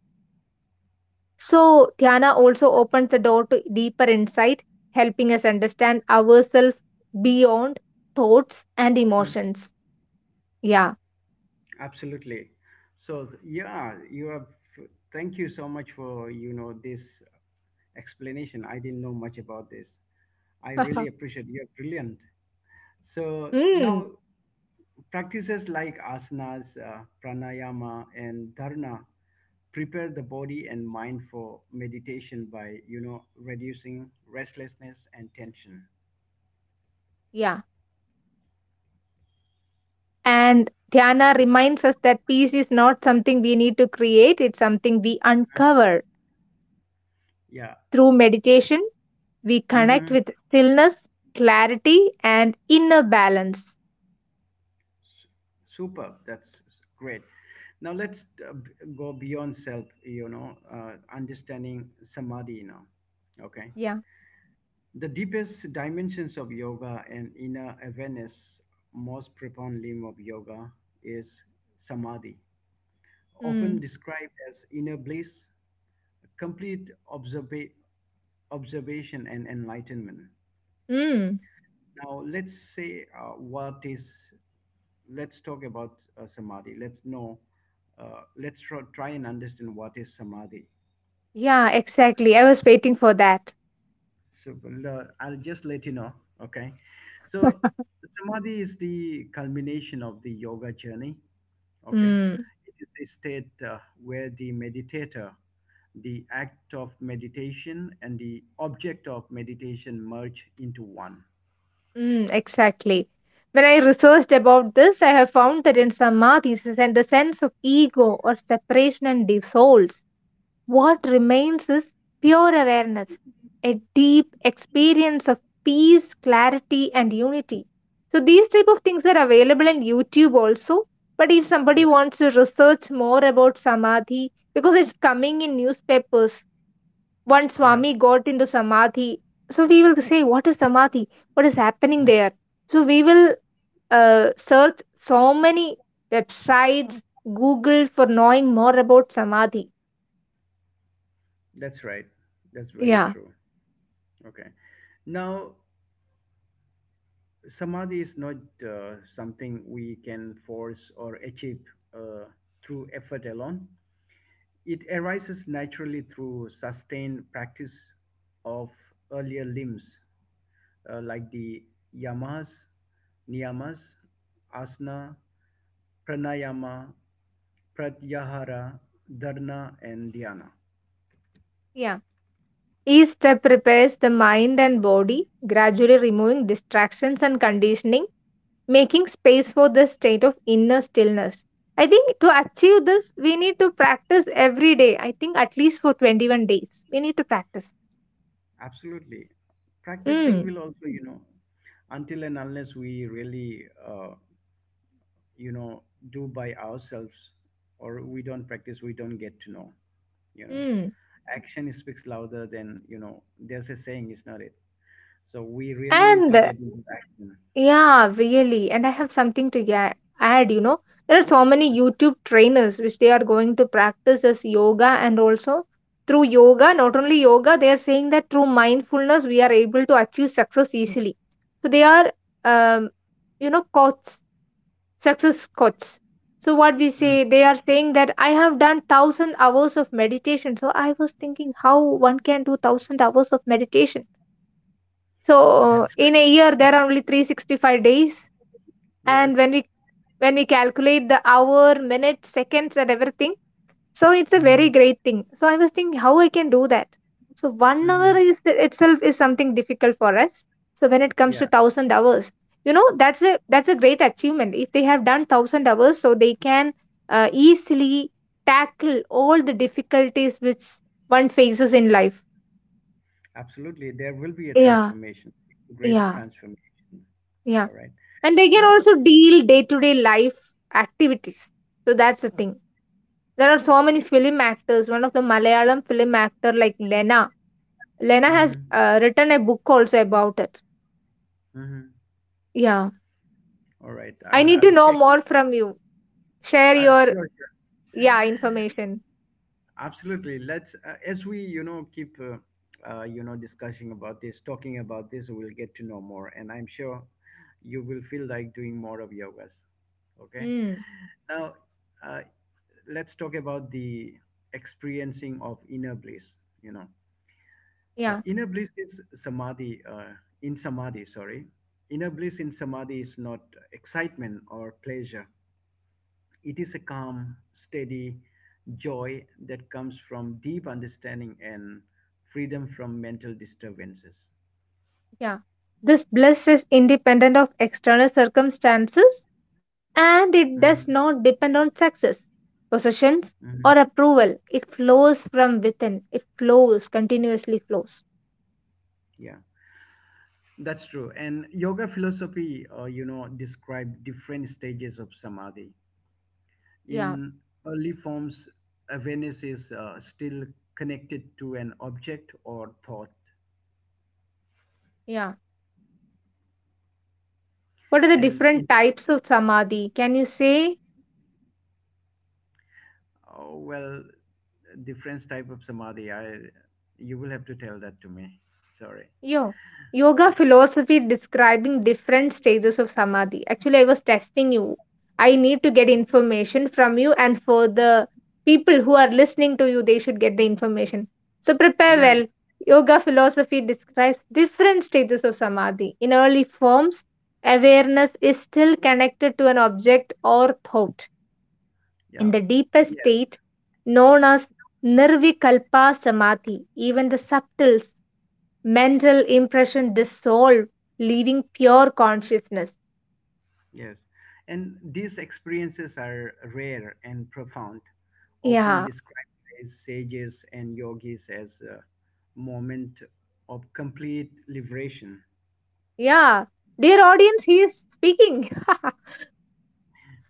[SPEAKER 2] So, dhyana also opens the door to deeper insight, helping us understand ourselves beyond thoughts and emotions. Yeah.
[SPEAKER 1] Absolutely. So yeah, you have. Thank you so much for this explanation. I didn't know much about this. I really appreciate. You're brilliant. So
[SPEAKER 2] Mm,
[SPEAKER 1] now practices like asanas, pranayama, and dharana prepare the body and mind for meditation by reducing restlessness and tension.
[SPEAKER 2] yeah. And dhyana reminds us that peace is not something we need to create, it's something we uncover.
[SPEAKER 1] Yeah.
[SPEAKER 2] Through meditation, we connect
[SPEAKER 1] Hmm.
[SPEAKER 2] with stillness, clarity, and inner balance.
[SPEAKER 1] S- Super. That's great. Now let's go beyond self, understanding samadhi now. Okay.
[SPEAKER 2] Yeah.
[SPEAKER 1] The deepest dimensions of yoga and inner awareness, most profound limb of yoga is samadhi, often
[SPEAKER 2] Mm,
[SPEAKER 1] described as inner bliss, complete observation, and enlightenment.
[SPEAKER 2] mm.
[SPEAKER 1] Now, let's say what is, let's talk about samadhi. Let's know, let's try and understand what is samadhi.
[SPEAKER 2] Yeah, exactly. I was waiting for that.
[SPEAKER 1] So well, I'll just let you know, okay? So samadhi is the culmination of the yoga journey, okay?
[SPEAKER 2] Mm.
[SPEAKER 1] It is a state where the meditator, the act of meditation, and the object of meditation merge into one.
[SPEAKER 2] Exactly. When I researched about this, I have found that in samadhis and the sense of ego or separation and dissolves, what remains is pure awareness, a deep experience of peace, clarity, and unity. So these type of things are available in YouTube also. But if
[SPEAKER 1] Yeah,
[SPEAKER 2] somebody wants to research more about samadhi, because it's coming in newspapers, one
[SPEAKER 1] yeah.
[SPEAKER 2] Swami got into Samadhi. So we will say, what is Samadhi? What is happening
[SPEAKER 1] Mhm.
[SPEAKER 2] there? So we will search so many websites, Google for knowing more about Samadhi.
[SPEAKER 1] That's right. That's very
[SPEAKER 2] Yeah.
[SPEAKER 1] true. Okay. Now, samadhi is not something we can force or achieve uh, through effort alone. It arises naturally through sustained practice of earlier limbs like the yamas, niyamas, asana, pranayama, pratyahara, dharana, and dhyana.
[SPEAKER 2] Yeah. Each step prepares the mind and body, gradually removing distractions and conditioning, making space for the state of inner stillness. I think to achieve this, we need to practice every day. I think at least for 21 days. We need to practice.
[SPEAKER 1] Absolutely. Practicing
[SPEAKER 2] Mm.
[SPEAKER 1] will also, until and unless we really you know do by ourselves, or we don't practice we don't get to know, you know
[SPEAKER 2] Mm.
[SPEAKER 1] action speaks louder than, there's a saying, is not it? So we really need to
[SPEAKER 2] And
[SPEAKER 1] get into action.
[SPEAKER 2] yeah, really. And I have something to add, There are so many YouTube trainers which they are going to practice as yoga and also through yoga, not only yoga, they are saying that through mindfulness we are able to achieve success easily. So they are um, coach, success coach. So what we
[SPEAKER 1] Mm,
[SPEAKER 2] say, they are saying that I have done 1,000 hours of meditation. So I was thinking how one can do 1,000 hours of meditation so,
[SPEAKER 1] that's
[SPEAKER 2] in
[SPEAKER 1] right.
[SPEAKER 2] a year, there are only 365 days,
[SPEAKER 1] Yes.
[SPEAKER 2] and when we calculate the hour, minute, seconds, and everything, so it's a
[SPEAKER 1] Hmm.
[SPEAKER 2] very great thing. So I was thinking how I can do that. So 1 hour
[SPEAKER 1] Hmm.
[SPEAKER 2] is itself is something difficult for us. So when it comes
[SPEAKER 1] Yeah,
[SPEAKER 2] to 1,000 hours, you know that's a great achievement. If they have done 1,000 hours, so they can easily tackle all the difficulties which one faces in life.
[SPEAKER 1] absolutely, there will be a
[SPEAKER 2] Yeah,
[SPEAKER 1] transformation, great
[SPEAKER 2] yeah,
[SPEAKER 1] transformation.
[SPEAKER 2] yeah,
[SPEAKER 1] All right.
[SPEAKER 2] and they can
[SPEAKER 1] Now,
[SPEAKER 2] also deal day-to-day life activities. So that's the thing. There are so many film actors, one of the Malayalam film actor like Lena. Lena has
[SPEAKER 1] mm-hmm,
[SPEAKER 2] written a book also about it.
[SPEAKER 1] mm-hmm.
[SPEAKER 2] Yeah,
[SPEAKER 1] All right,
[SPEAKER 2] I
[SPEAKER 1] i'll
[SPEAKER 2] need to
[SPEAKER 1] i'll
[SPEAKER 2] know
[SPEAKER 1] check.
[SPEAKER 2] more from you. Share your
[SPEAKER 1] Sure.
[SPEAKER 2] yeah information.
[SPEAKER 1] Absolutely. Let's, as we keep discussing about this, talking about this, we'll get to know more, and I'm sure you will feel like doing more of yogas. Okay.
[SPEAKER 2] mm,
[SPEAKER 1] Now, uh, let's talk about the experiencing of inner bliss. you know
[SPEAKER 2] yeah
[SPEAKER 1] Inner bliss is samadhi in samadhi sorry Inner bliss in samadhi is not excitement or pleasure. It is a calm, steady joy that comes from deep understanding and freedom from mental disturbances.
[SPEAKER 2] yeah this bliss is independent of external circumstances and it
[SPEAKER 1] Mhm.
[SPEAKER 2] does not depend on success, possessions, or
[SPEAKER 1] Mhm.
[SPEAKER 2] approval. It flows from within. It flows continuously flows.
[SPEAKER 1] Yeah, that's true. And yoga philosophy, describe different stages of samadhi.
[SPEAKER 2] Yeah,
[SPEAKER 1] In early forms, awareness is still connected to an object or thought.
[SPEAKER 2] yeah. What are the
[SPEAKER 1] And in
[SPEAKER 2] different types of samadhi? Can you say,
[SPEAKER 1] oh, well, Different type of samadhi, I you will have to tell that to me. Sorry.
[SPEAKER 2] yo, yoga philosophy describing different stages of samadhi? Actually, I was testing you. I need to get information from you, and for the people who are listening to you, they should get the information. So prepare
[SPEAKER 1] Yeah,
[SPEAKER 2] well. Yoga philosophy describes different stages of samadhi. In early forms, awareness is still connected to an object or thought. In
[SPEAKER 1] yeah,
[SPEAKER 2] the deepest
[SPEAKER 1] yes,
[SPEAKER 2] state known as Nirvikalpa Samadhi. Even the subtle mental impression dissolve, leaving pure consciousness.
[SPEAKER 1] yes. And these experiences are rare and profound, often
[SPEAKER 2] Yeah,
[SPEAKER 1] described as sages and yogis as a moment of complete liberation.
[SPEAKER 2] yeah. Dear audience, he is speaking.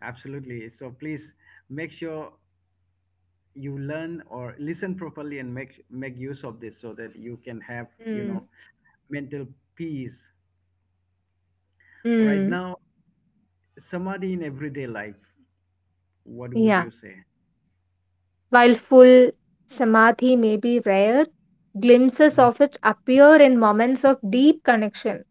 [SPEAKER 1] Absolutely. So please make sure you learn or listen properly and make use of this so that you can have,
[SPEAKER 2] Mm,
[SPEAKER 1] mental peace. Right
[SPEAKER 2] mm,
[SPEAKER 1] now, samadhi in everyday life, what would
[SPEAKER 2] yeah.
[SPEAKER 1] you say?
[SPEAKER 2] While full samadhi may be rare, glimpses of
[SPEAKER 1] Hmm.
[SPEAKER 2] it appear in moments of deep connection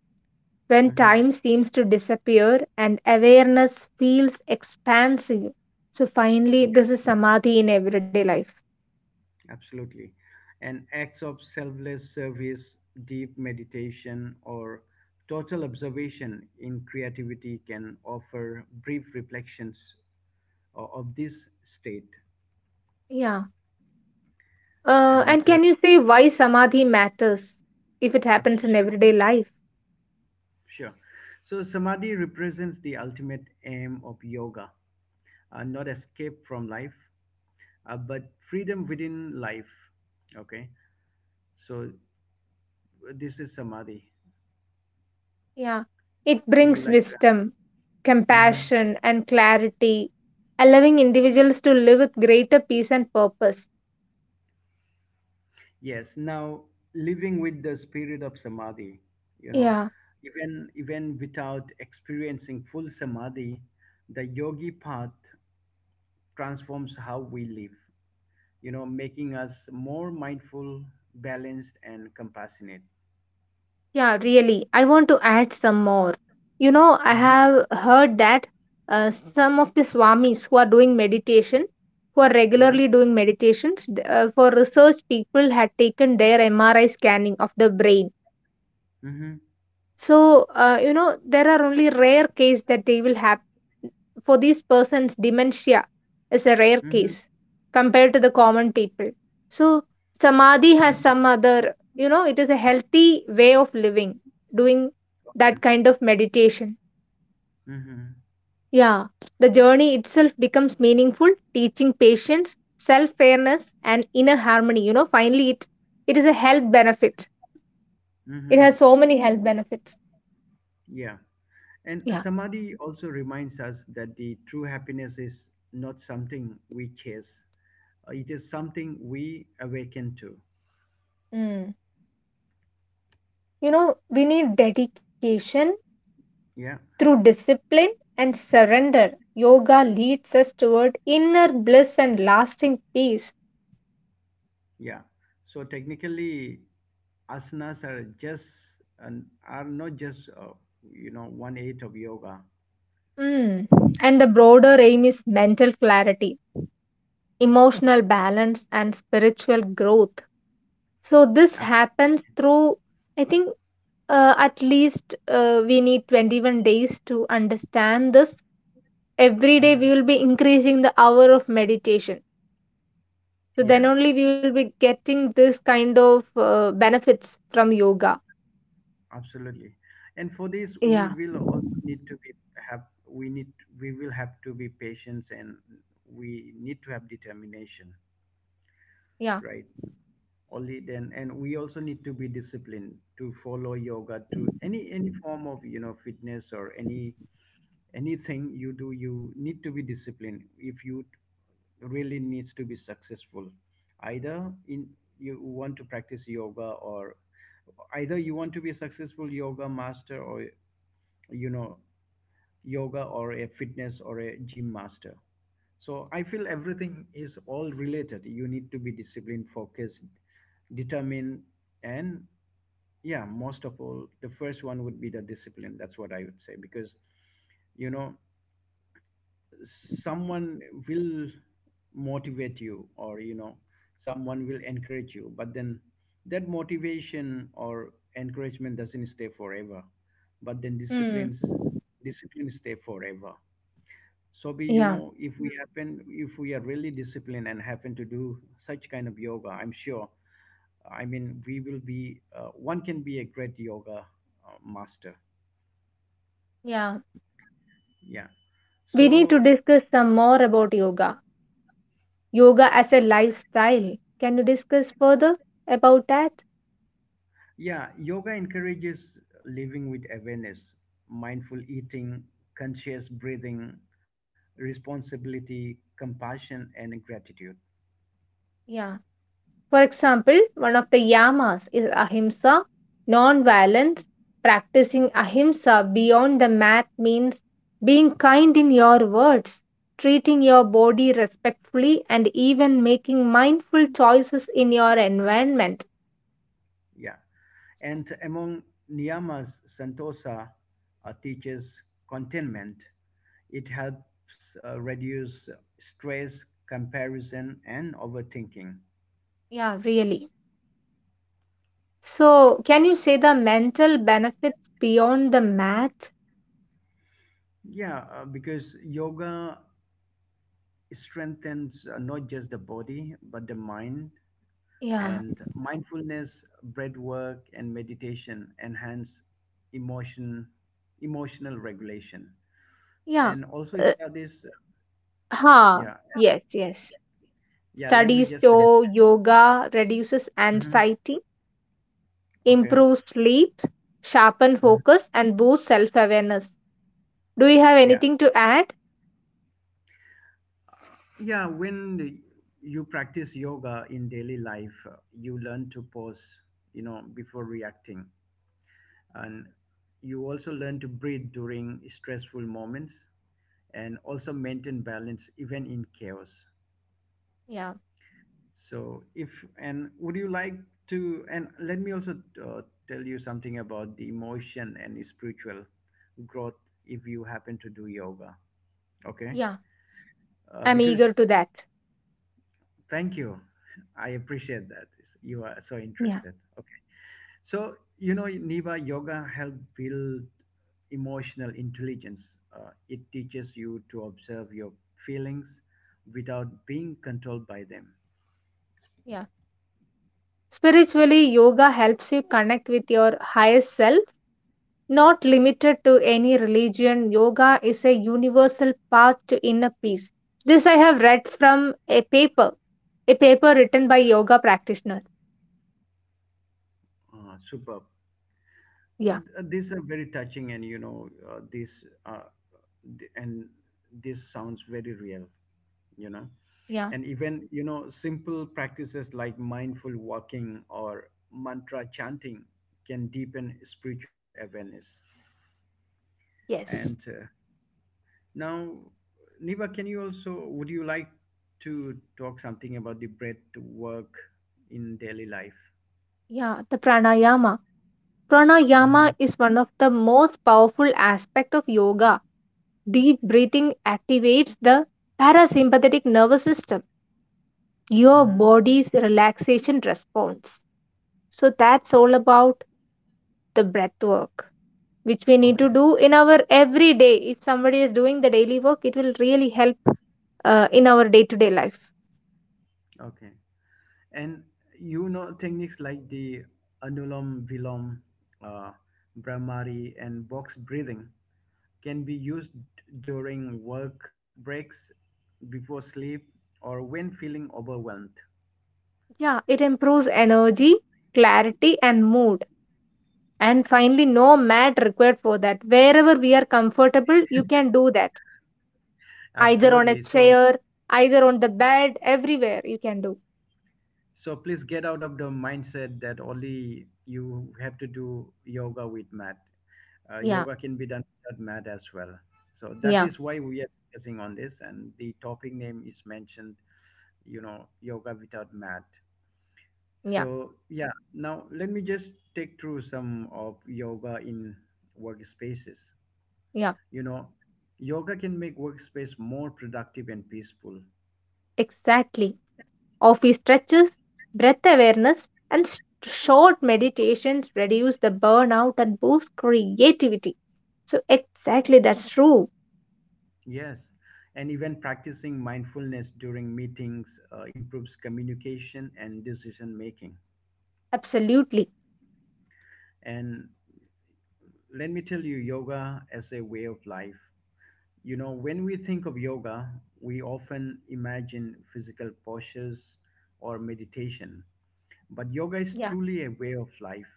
[SPEAKER 2] when
[SPEAKER 1] Hmm.
[SPEAKER 2] time seems to disappear and awareness feels expansive. So, finally, this is samadhi in everyday life.
[SPEAKER 1] Absolutely. And acts of selfless service, deep meditation, or total observation in creativity can offer brief reflections of this state.
[SPEAKER 2] Yeah. Uh,
[SPEAKER 1] And
[SPEAKER 2] and
[SPEAKER 1] uh,
[SPEAKER 2] can you say why samadhi matters if it happens in
[SPEAKER 1] sure,
[SPEAKER 2] everyday life?
[SPEAKER 1] sure. So, samadhi represents the ultimate aim of yoga, not escape from life, but freedom within life. Okay. So, this is samadhi.
[SPEAKER 2] Yeah. It
[SPEAKER 1] Would you
[SPEAKER 2] brings
[SPEAKER 1] like to?
[SPEAKER 2] wisdom,
[SPEAKER 1] add? Mm-hmm.
[SPEAKER 2] compassion, and clarity, allowing individuals to live with greater peace and purpose.
[SPEAKER 1] Yes, now living with the spirit of samadhi, you know,
[SPEAKER 2] Yeah.
[SPEAKER 1] even without experiencing full samadhi, the yogi path transforms how we live, making us more mindful, balanced, and compassionate.
[SPEAKER 2] Yeah, really. I want to add some more. You know, I
[SPEAKER 1] Uh-huh.
[SPEAKER 2] have heard that some of the swamis who are doing meditation, who are
[SPEAKER 1] Yeah.
[SPEAKER 2] regularly doing meditations, for research, people had taken their MRI scanning of the brain.
[SPEAKER 1] Mm-hmm.
[SPEAKER 2] So, you know, there are only rare cases that they will have for these persons, dementia is a rare
[SPEAKER 1] Mm-hmm.
[SPEAKER 2] case compared to the common people. So, samadhi has
[SPEAKER 1] Mm-hmm.
[SPEAKER 2] some other, you know, it is a healthy way of living, doing
[SPEAKER 1] Okay.
[SPEAKER 2] that kind of meditation.
[SPEAKER 1] Mm-hmm.
[SPEAKER 2] Yeah, the journey itself becomes meaningful, teaching patience, self fairness, and inner harmony. You know, finally, it is a health benefit. It
[SPEAKER 1] Mm-hmm.
[SPEAKER 2] has so many health benefits.
[SPEAKER 1] Yeah. And
[SPEAKER 2] Yeah.
[SPEAKER 1] samadhi also reminds us that the true happiness is not something we chase. It is something we awaken to.
[SPEAKER 2] Mm. You know, we need dedication.
[SPEAKER 1] Yeah,
[SPEAKER 2] Through discipline and surrender, yoga leads us toward inner bliss and lasting peace.
[SPEAKER 1] yeah. So technically, asanas are not just one eighth of yoga.
[SPEAKER 2] Mm. And the broader aim is mental clarity, emotional balance, and spiritual growth. So, this happens through, I think, at least we need 21 days to understand this. Every day, we
[SPEAKER 1] Absolutely.
[SPEAKER 2] will be increasing the hour of meditation. So, then
[SPEAKER 1] Yes,
[SPEAKER 2] only we will be getting this kind of benefits from yoga.
[SPEAKER 1] absolutely. And for this, we
[SPEAKER 2] Yeah.
[SPEAKER 1] will also need to be have we need we will have to be patient, and we need to have determination,
[SPEAKER 2] Yeah.
[SPEAKER 1] right? Only then, and we also need to be disciplined to follow yoga to any form of fitness or any, anything you do, you need to be disciplined, if you t- really needs to be successful, either in you want to practice yoga, or either you want to be a successful yoga master, or you know yoga or a fitness or a gym master. So I feel everything is all related. You need to be disciplined, focused, determined, and yeah, most of all, the first one would be the discipline. That's what I would say, because you know someone will motivate you, or someone will encourage you, but then that motivation or encouragement doesn't stay forever, but then
[SPEAKER 2] Hmm.
[SPEAKER 1] discipline stay forever. So be,
[SPEAKER 2] yeah,
[SPEAKER 1] if we happen, if we are really disciplined and happen to do such kind of yoga, I'm sure I mean we will be, one can be a great yoga master.
[SPEAKER 2] yeah.
[SPEAKER 1] Yeah.
[SPEAKER 2] We need to
[SPEAKER 1] So,
[SPEAKER 2] discuss some more about yoga. Yoga as a lifestyle. Can you discuss further about that?
[SPEAKER 1] Yeah, yoga encourages living with awareness, mindful eating, conscious breathing, responsibility, compassion, and gratitude.
[SPEAKER 2] Yeah. For example, one of the yamas is ahimsa, non-violence. Practicing ahimsa beyond the mat means being kind in your words, treating your body respectfully, and even making mindful choices in your environment.
[SPEAKER 1] Yeah. And among niyamas, santosa teaches contentment. It helps reduce stress, comparison, and overthinking.
[SPEAKER 2] Yeah, really. So, can you say the mental benefits beyond the math?
[SPEAKER 1] Yeah, because yoga strengthens not just the body, but the mind,
[SPEAKER 2] Yeah,
[SPEAKER 1] and mindfulness, breath work, and meditation enhance emotion emotional regulation.
[SPEAKER 2] yeah.
[SPEAKER 1] And also
[SPEAKER 2] Uh,
[SPEAKER 1] studies.
[SPEAKER 2] huh.
[SPEAKER 1] Yeah.
[SPEAKER 2] Yes, yes.
[SPEAKER 1] Yeah, let me
[SPEAKER 2] Studies
[SPEAKER 1] just finish.
[SPEAKER 2] show yoga reduces
[SPEAKER 1] Mhm.
[SPEAKER 2] anxiety,
[SPEAKER 1] Okay.
[SPEAKER 2] improves sleep, sharpen
[SPEAKER 1] Mhm.
[SPEAKER 2] focus, and boosts self-awareness. Do you have
[SPEAKER 1] Yeah.
[SPEAKER 2] anything to add?
[SPEAKER 1] Yeah, when you practice yoga in daily life, you learn to pause, before reacting, and you also learn to breathe during stressful moments, and also maintain balance even in chaos.
[SPEAKER 2] Yeah,
[SPEAKER 1] So if and would you like to, and let me also uh, tell you something about the emotion and spiritual growth if you happen to do yoga, okay?
[SPEAKER 2] yeah. I'm
[SPEAKER 1] Because
[SPEAKER 2] eager to that.
[SPEAKER 1] thank you, I appreciate that you are so
[SPEAKER 2] Yeah,
[SPEAKER 1] interested. Okay, so, Niva, yoga help build emotional intelligence. It teaches you to observe your feelings without being controlled by them.
[SPEAKER 2] yeah. Spiritually, yoga helps you connect with your higher self. Not limited to any religion, yoga is a universal path to inner peace. This I have read from a paper written by yoga practitioner.
[SPEAKER 1] Superb.
[SPEAKER 2] Yeah,
[SPEAKER 1] These are very touching, and th- and this sounds very real, you know.
[SPEAKER 2] yeah,
[SPEAKER 1] And even, simple practices like mindful walking or mantra chanting can deepen spiritual awareness.
[SPEAKER 2] yes.
[SPEAKER 1] And now, Niba, can you also, would you like to talk something about the breath work in daily life?
[SPEAKER 2] Yeah, the pranayama. Pranayama
[SPEAKER 1] Mm-hmm.
[SPEAKER 2] is one of the most powerful aspect of yoga. Deep breathing activates the parasympathetic nervous system, your
[SPEAKER 1] Mm-hmm.
[SPEAKER 2] body's relaxation response. So that's all about the breath work, which we need to
[SPEAKER 1] Okay.
[SPEAKER 2] do in our everyday. If somebody is doing the daily work, it will really help in our day to day life.
[SPEAKER 1] Okay. And techniques like the anulam vilom, uh, brahmari, and box breathing can be used during work breaks, before sleep, or when feeling overwhelmed.
[SPEAKER 2] Yeah, it improves energy, clarity, and mood. And finally, no mat required for that. Wherever we are comfortable, you can do that. Either on a
[SPEAKER 1] Absolutely, so.
[SPEAKER 2] chair, either on the bed, everywhere you can do.
[SPEAKER 1] So please get out of the mindset that only you have to do yoga with mat.
[SPEAKER 2] Yeah,
[SPEAKER 1] Yoga can be done without mat as well. So that
[SPEAKER 2] yeah,
[SPEAKER 1] is why we are discussing on this, and the topic name is mentioned, yoga without mat.
[SPEAKER 2] yeah,
[SPEAKER 1] So yeah, now let me just take through some of yoga in workspaces.
[SPEAKER 2] yeah,
[SPEAKER 1] You know, yoga can make workspace more productive and peaceful.
[SPEAKER 2] exactly. Office stretches, breath awareness, and short meditations reduce the burnout and boost creativity. So exactly, that's true.
[SPEAKER 1] Yes, and even practicing mindfulness during meetings improves communication and decision making.
[SPEAKER 2] Absolutely.
[SPEAKER 1] And let me tell you, yoga as a way of life. When we think of yoga, we often imagine physical postures or meditation. But yoga is
[SPEAKER 2] Yeah.
[SPEAKER 1] truly a way of life,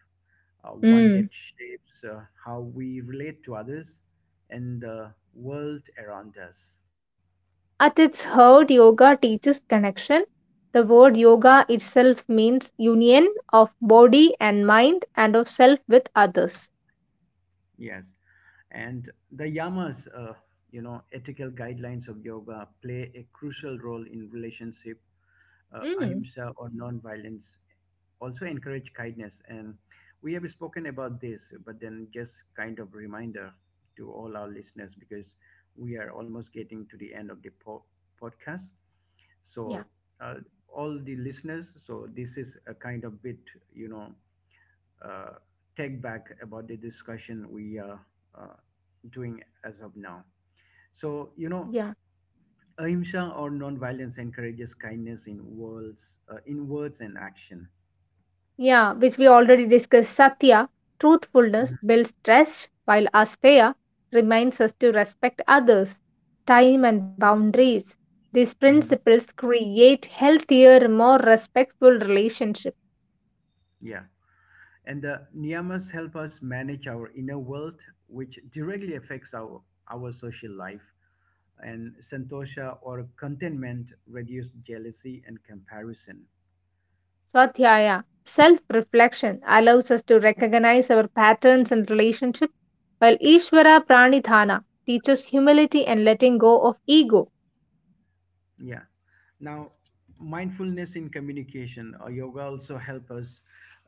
[SPEAKER 1] one
[SPEAKER 2] Mm.
[SPEAKER 1] that shapes how we relate to others and the world around us.
[SPEAKER 2] At its heart, yoga teaches connection. The word yoga itself means union of body and mind and of self with others.
[SPEAKER 1] Yes. And the yamas, ethical guidelines of yoga play a crucial role in relationship,
[SPEAKER 2] Mm.
[SPEAKER 1] ahimsa or non-violence. Also encourage kindness. And we have spoken about this, but then just kind of reminder to all our listeners, because we are almost getting to the end of the podcast.
[SPEAKER 2] Yeah,
[SPEAKER 1] So, uh, all the listeners, so this is a kind of bit, you know, uh, take back about the discussion we are uh, doing as of now. So,
[SPEAKER 2] yeah,
[SPEAKER 1] ahimsa or non-violence encourages kindness in words and action.
[SPEAKER 2] yeah, which we already discussed. Satya, truthfulness,
[SPEAKER 1] Mhm,
[SPEAKER 2] builds trust, while asteya reminds us to respect others, time, and boundaries. These
[SPEAKER 1] mhm.
[SPEAKER 2] principles create healthier, more respectful relationships.
[SPEAKER 1] Yeah, and the niyamas help us manage our inner world, which directly affects our social life. And santosha or contentment reduce jealousy and comparison.
[SPEAKER 2] Swadhyaya, self reflection, allows us to recognize our patterns and relationship, while Ishvara Pranidhana teaches humility and letting go of ego.
[SPEAKER 1] Yeah. Now, mindfulness in communication. Yoga also help us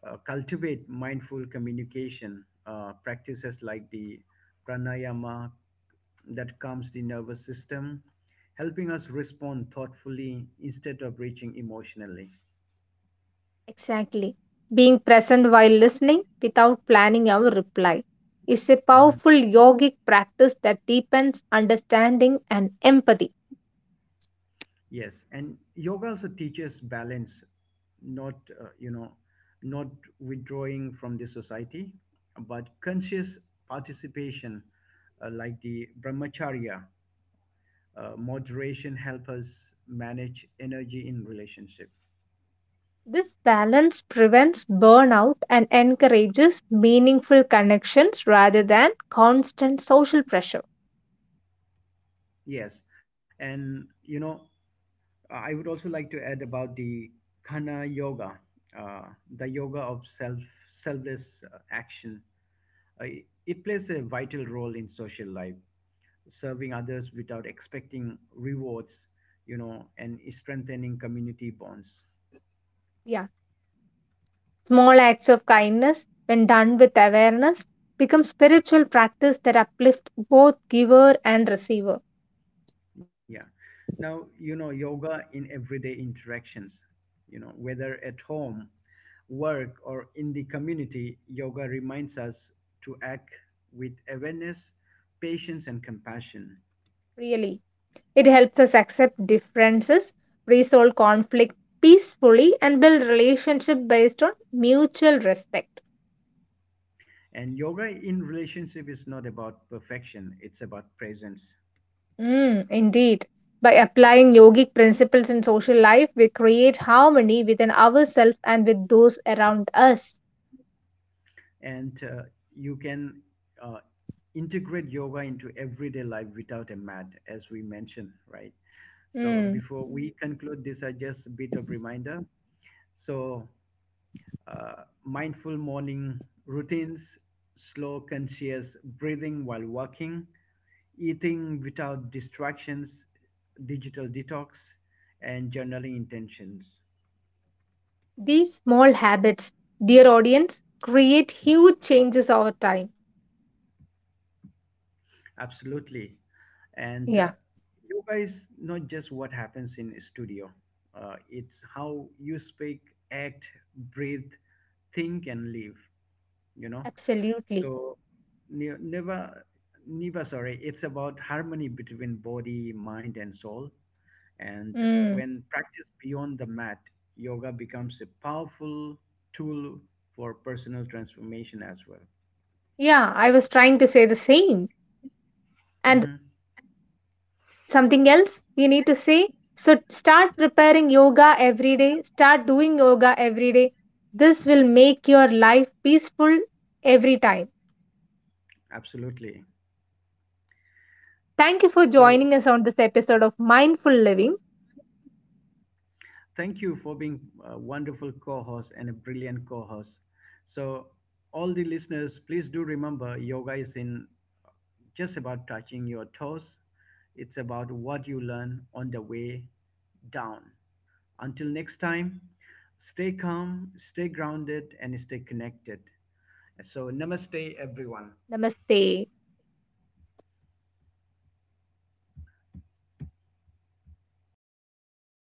[SPEAKER 1] cultivate mindful communication, practices like the pranayama that calms the nervous system, helping us respond thoughtfully instead of reaching emotionally.
[SPEAKER 2] Exactly. Being present while listening without planning our reply is a
[SPEAKER 1] Mm-hmm.
[SPEAKER 2] powerful yogic practice that deepens understanding and empathy.
[SPEAKER 1] Yes, and yoga also teaches balance, not you know, not withdrawing from the society, but conscious participation, like the brahmacharya. Moderation help us manage energy in relationship.
[SPEAKER 2] This balance prevents burnout and encourages meaningful connections rather than constant social pressure.
[SPEAKER 1] Yes, and I would also like to add about the Khana yoga, uh, the yoga of selfless action. Uh, it plays a vital role in social life, serving others without expecting rewards, and strengthening community bonds.
[SPEAKER 2] Yeah. Small acts of kindness, when done with awareness, become spiritual practice that uplift both giver and receiver.
[SPEAKER 1] Yeah. Now, yoga in everyday interactions, whether at home, work, or in the community, yoga reminds us to act with awareness, patience, and compassion.
[SPEAKER 2] Really, it helps us accept differences, resolve conflict peacefully, and build relationship based on mutual respect.
[SPEAKER 1] And yoga in relationship is not about perfection, it's about presence.
[SPEAKER 2] Mm, indeed. By applying yogic principles in social life, we create harmony within ourselves and with those around us.
[SPEAKER 1] And you can uh, integrate yoga into everyday life without a mat, as we mentioned, right? So
[SPEAKER 2] Mm.
[SPEAKER 1] before we conclude this, I just a bit of reminder. So, mindful morning routines, slow conscious breathing while walking, eating without distractions, digital detox, and journaling intentions.
[SPEAKER 2] These small habits, dear audience, create huge changes over time.
[SPEAKER 1] Absolutely. And
[SPEAKER 2] Yeah,
[SPEAKER 1] yoga is not just what happens in studio. It's how you speak, act, breathe, think, and live. You know,
[SPEAKER 2] absolutely.
[SPEAKER 1] so ne- never, never. Sorry, it's about harmony between body, mind, and soul. And
[SPEAKER 2] Mm.
[SPEAKER 1] when practiced beyond the mat, yoga becomes a powerful tool for personal transformation as well.
[SPEAKER 2] Yeah, I was trying to say the same. And
[SPEAKER 1] Hmm.
[SPEAKER 2] something else we need to say. So start preparing yoga every day, start doing yoga every day. This will make your life peaceful every time.
[SPEAKER 1] Absolutely.
[SPEAKER 2] Thank you for
[SPEAKER 1] So
[SPEAKER 2] joining us on this episode of Mindful Living.
[SPEAKER 1] thank you for being a wonderful co-host and a brilliant co-host. So all the listeners, please do remember, yoga is in just about touching your toes, it's about what you learn on the way down. Until next time, stay calm, stay grounded, and stay connected. So namaste, everyone.
[SPEAKER 2] Namaste.